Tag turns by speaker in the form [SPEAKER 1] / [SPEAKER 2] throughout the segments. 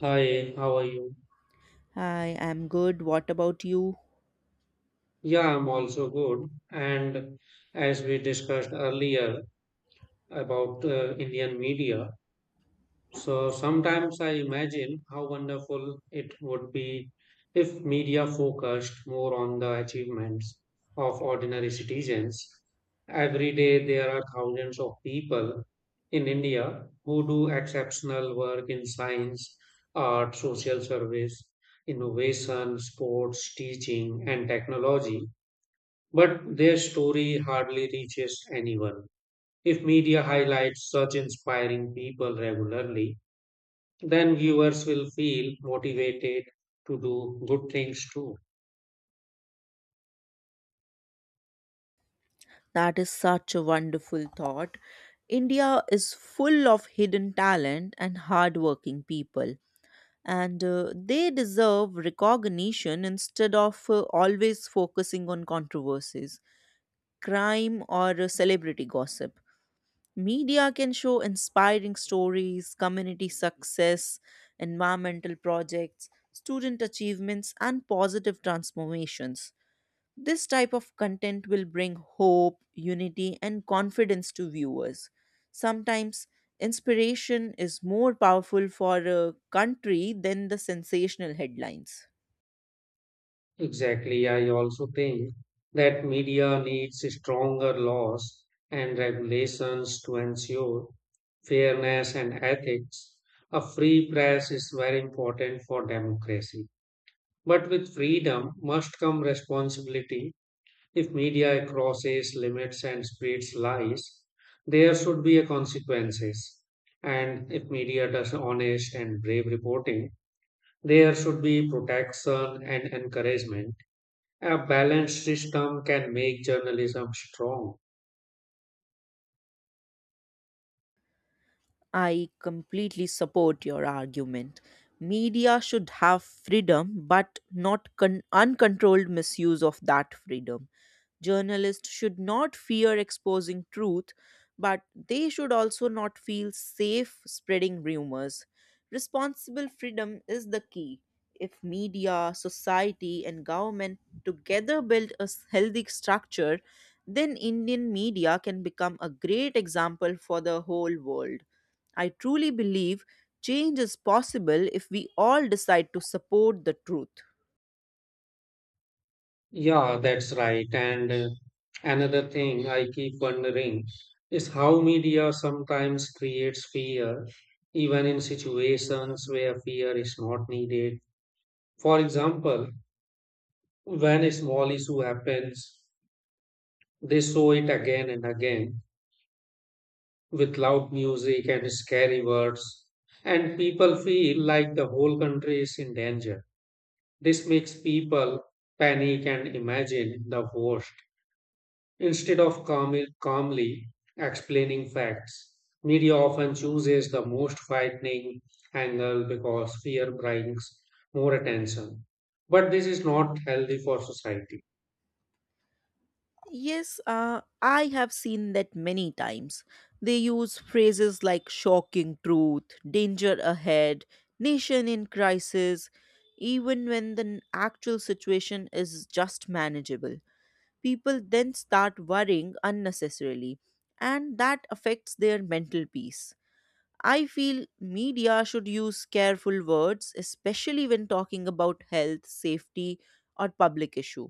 [SPEAKER 1] Hi, how are you?
[SPEAKER 2] I am good. What about you?
[SPEAKER 1] Yeah, I'm also good. And as we discussed earlier about Indian media, so sometimes I imagine how wonderful it would be if media focused more on the achievements of ordinary citizens. Every day there are thousands of people in India who do exceptional work in science, art, social service, innovation, sports, teaching, and technology. But their story hardly reaches anyone. If media highlights such inspiring people regularly, then viewers will feel motivated to do good things too.
[SPEAKER 2] That is such a wonderful thought. India is full of hidden talent and hardworking people, and they deserve recognition instead of always focusing on controversies, crime, or celebrity gossip. Media can show inspiring stories, community success, environmental projects, student achievements, and positive transformations. This type of content will bring hope, unity, and confidence to viewers. Sometimes inspiration is more powerful for a country than the sensational headlines.
[SPEAKER 1] Exactly. I also think that media needs stronger laws and regulations to ensure fairness and ethics. A free press is very important for democracy. But with freedom must come responsibility. If media crosses limits and spreads lies, there should be a consequences. And if media does honest and brave reporting, there should be protection and encouragement. A balanced system can make journalism strong.
[SPEAKER 2] I completely support your argument. Media should have freedom, but not uncontrolled misuse of that freedom. Journalists should not fear exposing truth, but they should also not feel safe spreading rumors. Responsible freedom is the key. If media, society, and government together build a healthy structure, then Indian media can become a great example for the whole world. I truly believe change is possible if we all decide to support the truth.
[SPEAKER 1] Yeah, that's right. And another thing I keep wondering is how media sometimes creates fear, even in situations where fear is not needed. For example, when a small issue happens, they show it again and again with loud music and scary words, and people feel like the whole country is in danger. This makes people panic and imagine the worst instead of calmly explaining facts. Media often chooses the most frightening angle because fear brings more attention. But this is not healthy for society.
[SPEAKER 2] Yes, I have seen that many times. They use phrases like shocking truth, danger ahead, nation in crisis, even when the actual situation is just manageable. People then start worrying unnecessarily, and that affects their mental peace. I feel media should use careful words, especially when talking about health, safety, or public issue.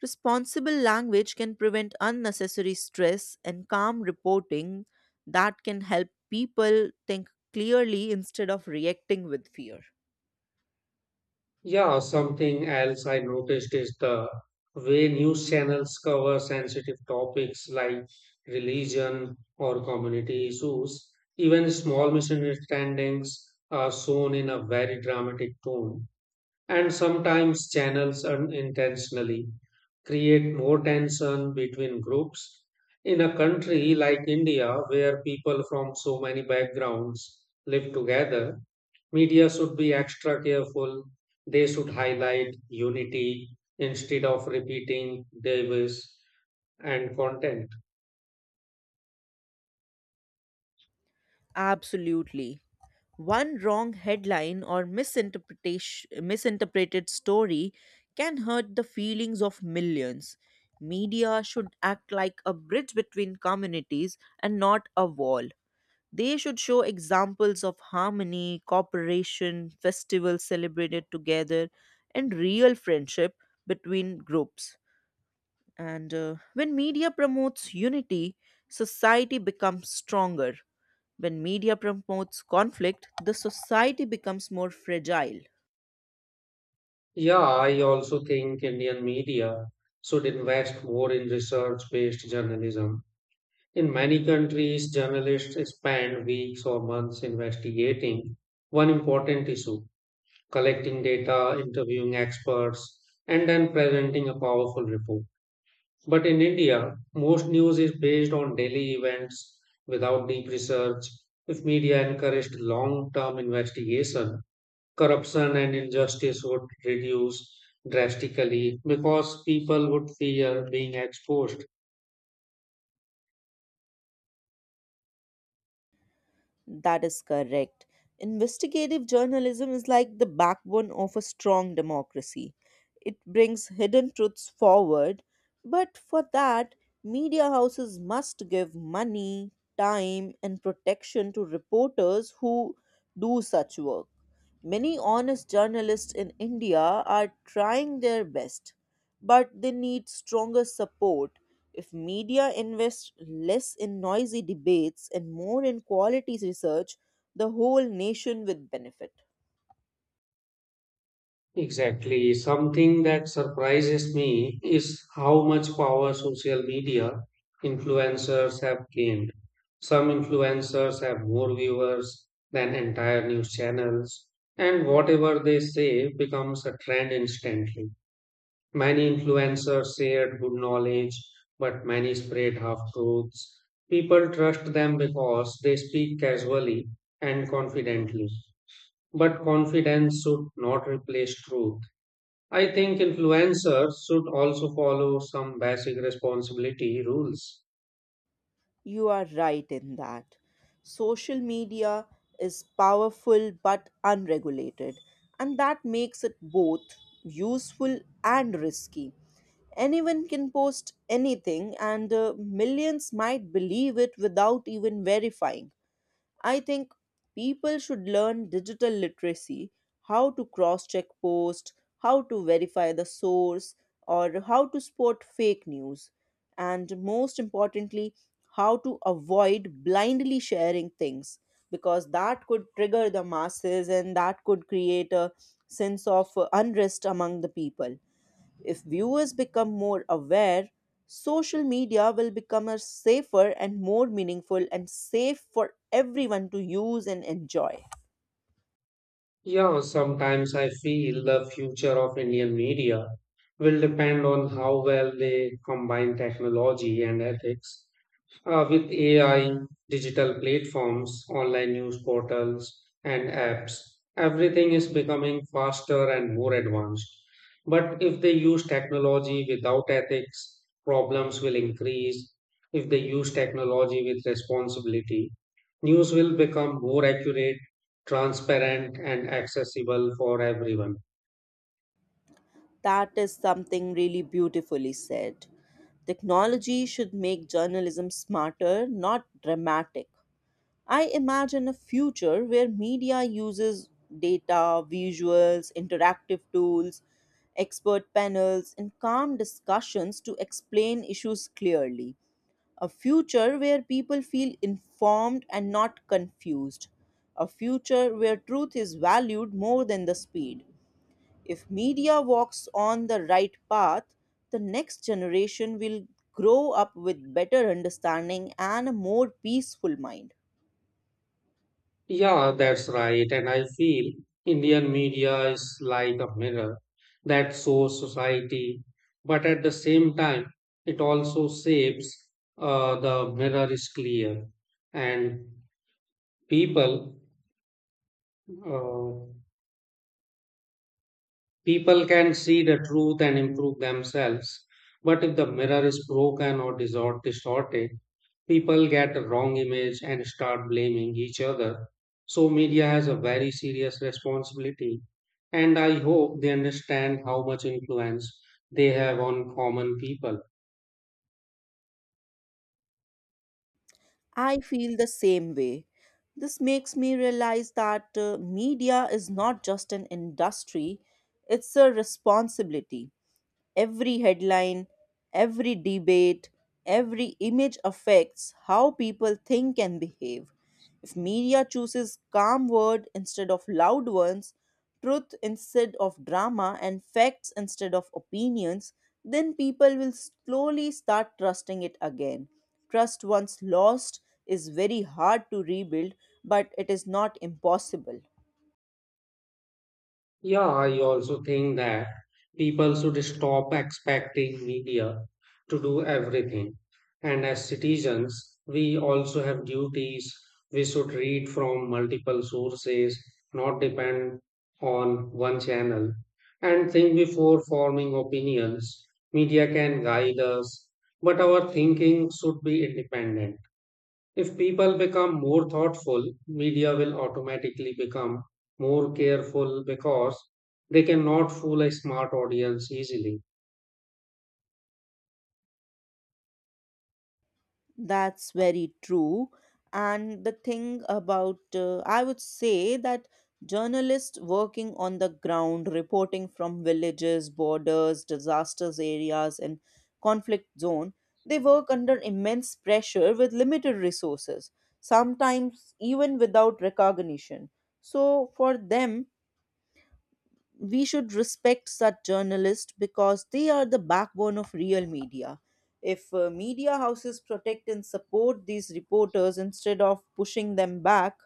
[SPEAKER 2] Responsible language can prevent unnecessary stress, and calm reporting that can help people think clearly instead of reacting with fear.
[SPEAKER 1] Yeah, something else I noticed is the way news channels cover sensitive topics like religion or community issues. Even small misunderstandings are shown in a very dramatic tone, and sometimes channels unintentionally create more tension between groups. In a country like India, where people from so many backgrounds live together, media should be extra careful. They should highlight unity instead of repeating Davis and content.
[SPEAKER 2] Absolutely. One wrong headline or misinterpreted story can hurt the feelings of millions. Media should act like a bridge between communities and not a wall. They should show examples of harmony, cooperation, festivals celebrated together, and real friendship between groups. And when media promotes unity, society becomes stronger. When media promotes conflict, the society becomes more fragile.
[SPEAKER 1] Yeah, I also think Indian media should invest more in research based journalism. In many countries, journalists spend weeks or months investigating one important issue, collecting data, interviewing experts, and then presenting a powerful report. But in India, most news is based on daily events without deep research. If media encouraged long term investigation, corruption and injustice would reduce drastically because people would fear being exposed.
[SPEAKER 2] That is correct. Investigative journalism is like the backbone of a strong democracy. It brings hidden truths forward, but for that, media houses must give money, time, and protection to reporters who do such work. Many honest journalists in India are trying their best, but they need stronger support. If media invest less in noisy debates and more in quality research, the whole nation will benefit.
[SPEAKER 1] Exactly. Something that surprises me is how much power social media influencers have gained. Some influencers have more viewers than entire news channels, and whatever they say becomes a trend instantly. Many influencers shared good knowledge, but many spread half truths. People trust them because they speak casually and confidently. But confidence should not replace truth. I think influencers should also follow some basic responsibility rules.
[SPEAKER 2] You are right in that. Social media is powerful but unregulated, and that makes it both useful and risky. Anyone can post anything, and millions might believe it without even verifying. I think people should learn digital literacy, how to cross check posts, how to verify the source, or how to spot fake news, and most importantly, how to avoid blindly sharing things because that could trigger the masses and that could create a sense of unrest among the people. If viewers become more aware, social media will become a safer and more meaningful and safe for everyone to use and enjoy.
[SPEAKER 1] Yeah, sometimes I feel the future of Indian media will depend on how well they combine technology and ethics. With AI, digital platforms, online news portals, and apps, everything is becoming faster and more advanced. But if they use technology without ethics, problems will increase. If they use technology with responsibility, news will become more accurate, transparent, and accessible for everyone.
[SPEAKER 2] That is something really beautifully said. Technology should make journalism smarter, not dramatic. I imagine a future where media uses data, visuals, interactive tools, expert panels, and calm discussions to explain issues clearly. A future where people feel informed and not confused. A future where truth is valued more than the speed. If media walks on the right path, the next generation will grow up with better understanding and a more peaceful mind.
[SPEAKER 1] Yeah, that's right. And I feel Indian media is like a mirror that shows society, but at the same time, it also shapes the mirror is clear and people. Uh, People can see the truth and improve themselves, but if the mirror is broken or distorted, people get a wrong image and start blaming each other. So, media has a very serious responsibility, and I hope they understand how much influence they have on common people.
[SPEAKER 2] I feel the same way. This makes me realize that media is not just an industry, it's a responsibility. Every headline, every debate, every image affects how people think and behave. If media chooses calm words instead of loud ones, truth instead of drama, and facts instead of opinions, then people will slowly start trusting it again. Trust once lost is very hard to rebuild, but it is not impossible.
[SPEAKER 1] Yeah, I also think that people should stop expecting media to do everything. And as citizens, we also have duties. We should read from multiple sources, not depend on one channel, and think before forming opinions. Media can guide us, but our thinking should be independent. If people become more thoughtful, media will automatically become more careful because they cannot fool a smart audience easily.
[SPEAKER 2] That's very true. And the thing about, I would say that journalists working on the ground, reporting from villages, borders, disasters areas, and conflict zone, they work under immense pressure with limited resources, sometimes even without recognition. So for them, we should respect such journalists because they are the backbone of real media. If media houses protect and support these reporters instead of pushing them back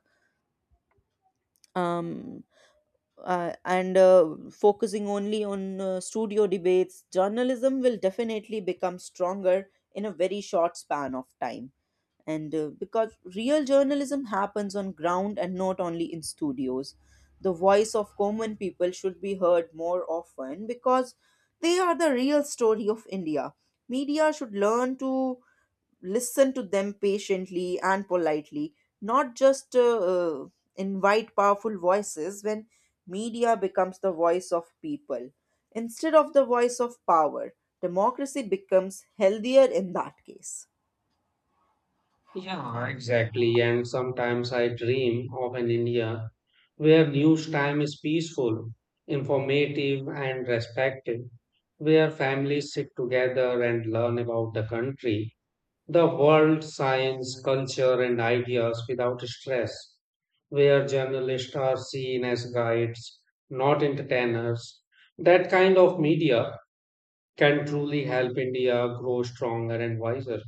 [SPEAKER 2] um, and focusing only on studio debates, journalism will definitely become stronger in a very short span of time, and because real journalism happens on ground and not only in studios. The voice of common people should be heard more often, because they are the real story of India. Media should learn to listen to them patiently and politely, not just invite powerful voices. When media becomes the voice of people instead of the voice of power, democracy becomes healthier in that case.
[SPEAKER 1] Yeah, exactly. Exactly, and sometimes I dream of an India where news time is peaceful, informative, and respectful, where families sit together and learn about the country, the world, science, culture, and ideas without stress, where journalists are seen as guides, not entertainers. That kind of media can truly help India grow stronger and wiser.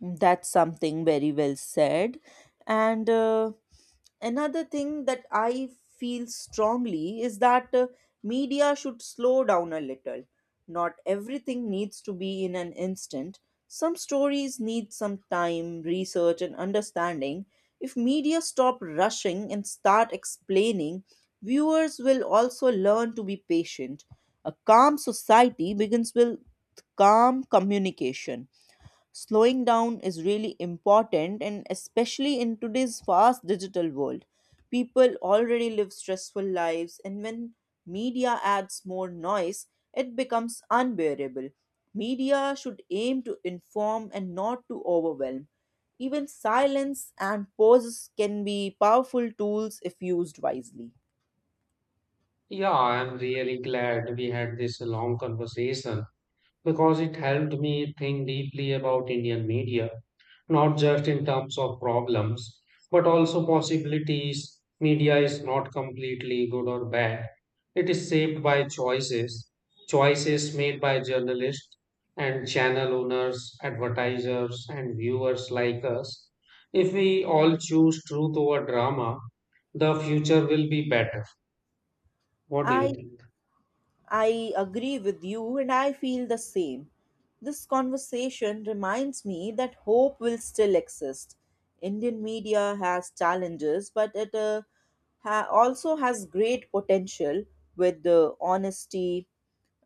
[SPEAKER 2] That's something very well said. And another thing that I feel strongly is that media should slow down a little. Not everything needs to be in an instant. Some stories need some time, research, and understanding. If media stop rushing and start explaining, viewers will also learn to be patient. A calm society begins with calm communication. Slowing down is really important, and especially in today's fast digital world people already live stressful lives, and when media adds more noise it becomes unbearable. Media should aim to inform and not to overwhelm. Even silence and pauses can be powerful tools if used wisely.
[SPEAKER 1] Yeah, I'm really glad we had this long conversation because it helped me think deeply about Indian media, not just in terms of problems, but also possibilities. Media is not completely good or bad. It is shaped by choices, choices made by journalists and channel owners, advertisers, and viewers like us. If we all choose truth over drama, the future will be better. What do you
[SPEAKER 2] i
[SPEAKER 1] think?
[SPEAKER 2] I agree with you and I feel the same. This conversation reminds me that hope will still exist. Indian media has challenges, but it also has great potential. With the honesty,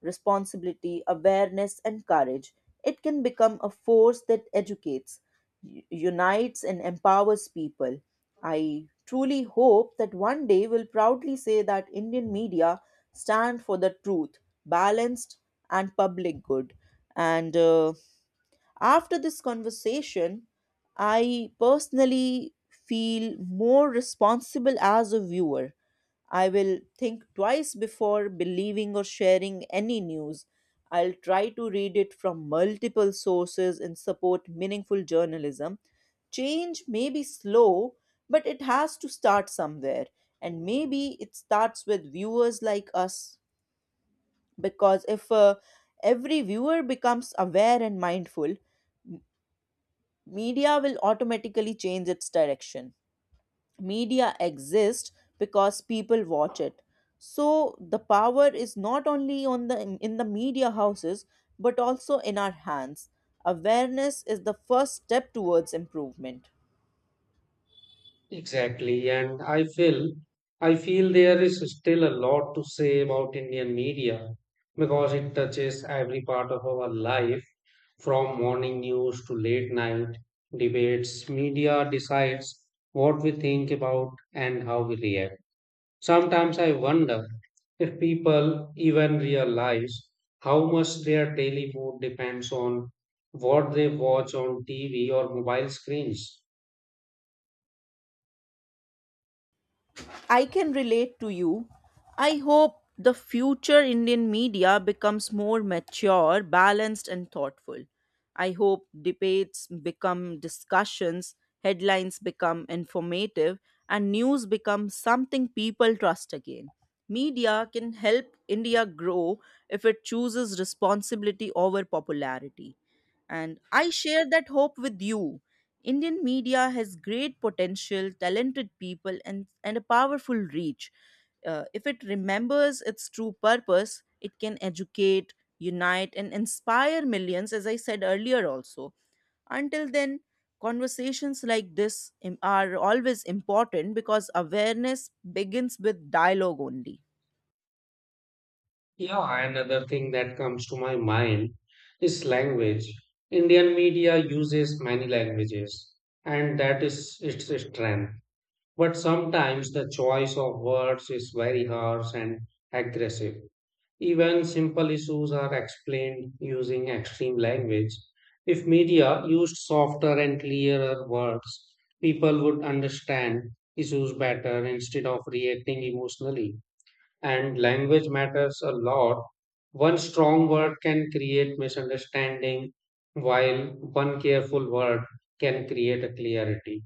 [SPEAKER 2] responsibility, awareness, and courage, it can become a force that educates, unites, and empowers people. I truly hope that one day we'll proudly say that Indian media stand for the truth, balanced, and public good. And after this conversation, I personally feel more responsible as a viewer. I will think twice before believing or sharing any news. I'll try to read it from multiple sources and support meaningful journalism. Change may be slow, but it has to start somewhere. And maybe it starts with viewers like us, because if every viewer becomes aware and mindful, media will automatically change its direction. Media exists because people watch it. So the power is not only on the in the media houses but also in our hands. Awareness is the first step towards improvement.
[SPEAKER 1] Exactly, and I feel there is still a lot to say about Indian media because it touches every part of our life, from morning news to late night debates. Media decides what we think about and how we react. Sometimes I wonder if people even realize how much their daily mood depends on what they watch on TV or mobile screens.
[SPEAKER 2] I can relate to you. I hope the future Indian media becomes more mature, balanced, and thoughtful. I hope debates become discussions, headlines become informative, and news becomes something people trust again. Media can help India grow if it chooses responsibility over popularity. And I share that hope with you. Indian media has great potential, talented people, and a powerful reach. If it remembers its true purpose, it can educate, unite, and inspire millions, as I said earlier, also. Until then, conversations like this are always important because awareness begins with dialogue only.
[SPEAKER 1] Yeah, another thing that comes to my mind is language. Indian media uses many languages, and that is its strength. But sometimes the choice of words is very harsh and aggressive. Even simple issues are explained using extreme language. If media used softer and clearer words, people would understand issues better instead of reacting emotionally, and language matters a lot. One strong word can create misunderstanding, while one careful word can create a clarity.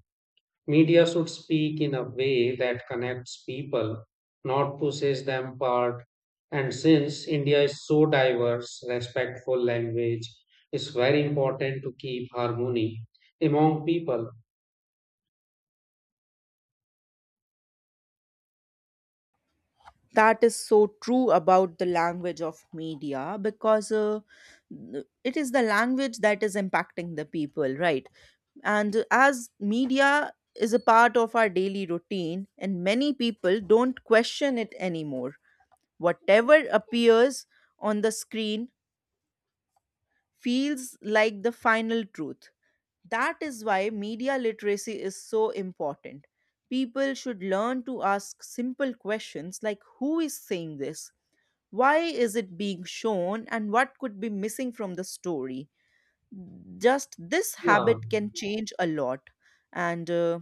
[SPEAKER 1] Media should speak in a way that connects people, not pushes them apart. And since India is so diverse, respectful language is very important to keep harmony among people.
[SPEAKER 2] That is so true about the language of media because it is the language that is impacting the people, right? And as media is a part of our daily routine, and many people don't question it anymore. Whatever appears on the screen feels like the final truth. That is why media literacy is so important. People should learn to ask simple questions like who is saying this? Why is it being shown? And what could be missing from the story? Just this
[SPEAKER 1] Yeah,
[SPEAKER 2] habit can change a lot. And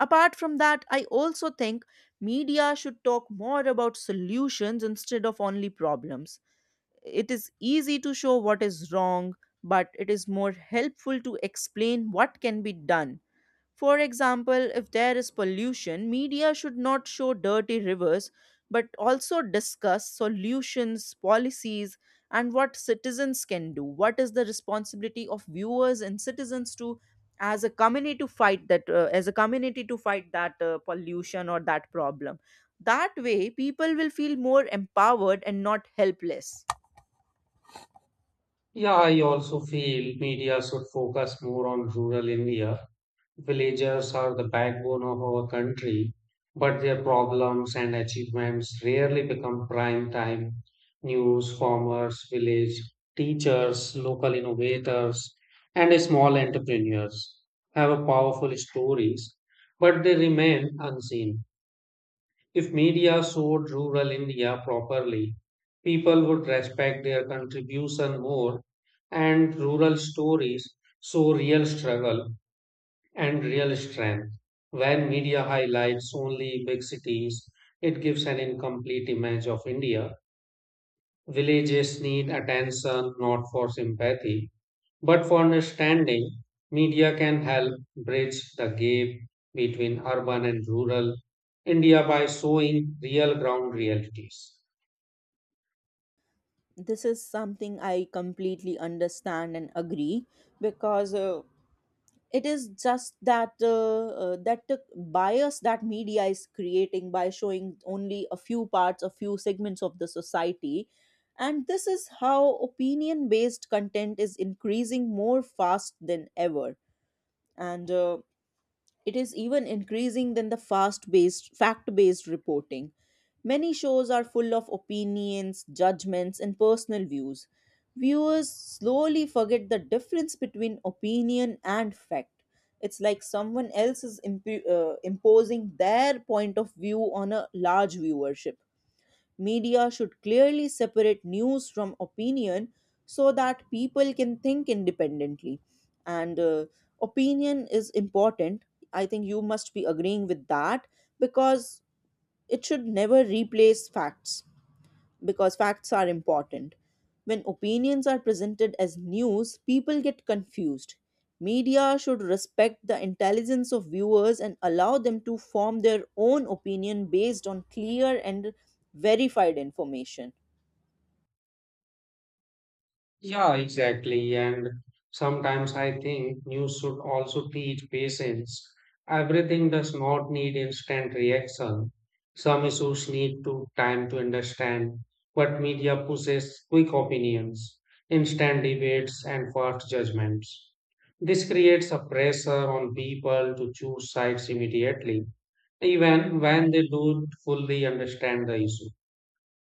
[SPEAKER 2] apart from that, I also think media should talk more about solutions instead of only problems. It is easy to show what is wrong, but it is more helpful to explain what can be done. For example, if there is pollution, media should not show dirty rivers but also discuss solutions, policies, and what citizens can do. What is the responsibility of viewers and citizens to, as a community, to fight that, pollution or that problem? That way, people will feel more empowered and not helpless.
[SPEAKER 1] yeah, I also feel media should focus more on rural India. Villagers are the backbone of our country, but their problems and achievements rarely become prime time news. Farmers, village teachers, local innovators, and small entrepreneurs have a powerful stories, but they remain unseen. If media showed rural India properly, people would respect their contribution more, and rural stories show real struggle and real strength. When media highlights only big cities, it gives an incomplete image of India. Villages need attention not for sympathy, but for understanding. Media can help bridge the gap between urban and rural India by showing real ground realities.
[SPEAKER 2] This is something I completely understand and agree because. It is just that that the bias that media is creating by showing only a few segments of the society, and this is how opinion based content is increasing more fast than ever, and it is even increasing than the fast based fact based reporting. Many shows are full of opinions, judgments, and personal views. Viewers slowly forget the difference between opinion and fact. It's like someone else is imposing their point of view on a large viewership. Media should clearly separate news from opinion so that people can think independently. And opinion is important. I think you must be agreeing with that because it should never replace facts, because facts are important. When opinions are presented as news, people get confused. Media should respect the intelligence of viewers and allow them to form their own opinion based on clear and verified information.
[SPEAKER 1] Yeah, exactly. And sometimes I think news should also teach patience. Everything does not need instant reaction. Some issues need to time to understand, but media pushes quick opinions, instant debates, and fast judgments. This creates a pressure on people to choose sides immediately, even when they don't fully understand the issue.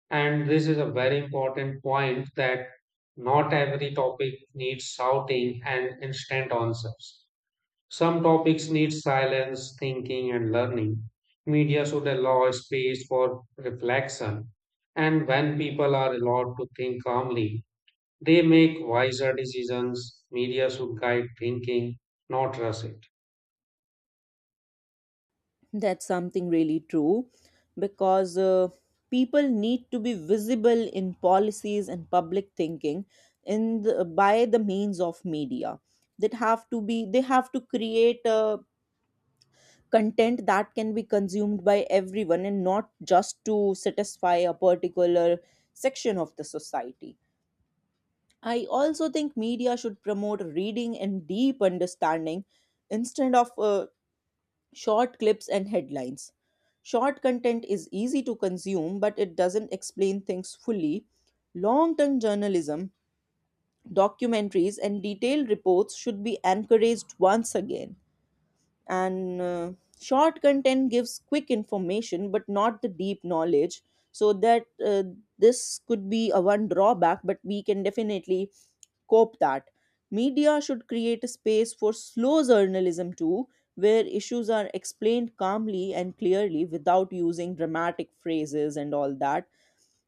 [SPEAKER 1] And this is a very important point that not every topic needs shouting and instant answers. Some topics need silence, thinking, and learning. Media should allow space for reflection. And when people are allowed to think calmly, they make wiser decisions. Media should guide thinking, not rush it.
[SPEAKER 2] That's something really true because people need to be visible in policies and public thinking in the, by the means of media. That have to be They have to create a content that can be consumed by everyone and not just to satisfy a particular section of the society. I also think media should promote reading and deep understanding instead of short clips and headlines. Short content is easy to consume, but it doesn't explain things fully. Long term journalism, documentaries, and detailed reports should be encouraged once again. And short content gives quick information, but not the deep knowledge. So that this could be a one drawback, but we can definitely cope that. Media should create a space for slow journalism too, where issues are explained calmly and clearly without using dramatic phrases and all that.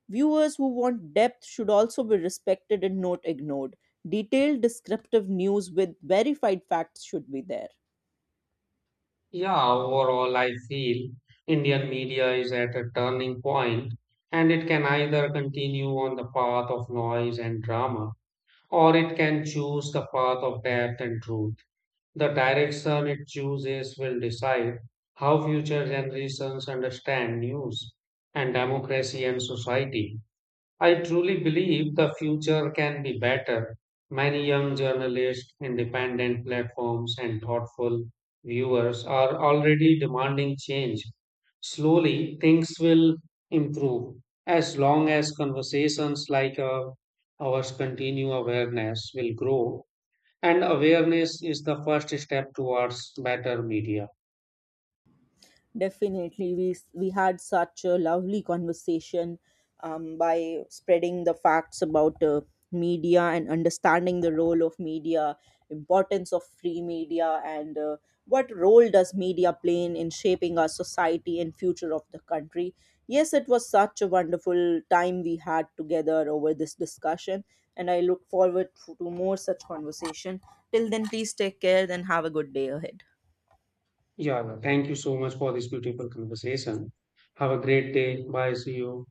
[SPEAKER 2] Viewers who want depth should also be respected and not ignored. Detailed descriptive news with verified facts should be there.
[SPEAKER 1] Yeah, overall, I feel Indian media is at a turning point, and it can either continue on the path of noise and drama, or it can choose the path of depth and truth. The direction it chooses will decide how future generations understand news and democracy and society. I truly believe the future can be better. Many young journalists, independent platforms, and thoughtful viewers are already demanding change. Slowly, things will improve as long as conversations like ours continue, awareness will grow. And awareness is the first step towards better media.
[SPEAKER 2] Definitely, we had such a lovely conversation, by spreading the facts about media and understanding the role of media, importance of free media, and what role does media play in shaping our society and future of the country. Yes, it was such a wonderful time we had together over this discussion, and I look forward to more such conversation. Till then, please take care and have a good day ahead.
[SPEAKER 1] Yeah, well, thank you so much for this beautiful conversation. Have a great day. Bye. See you.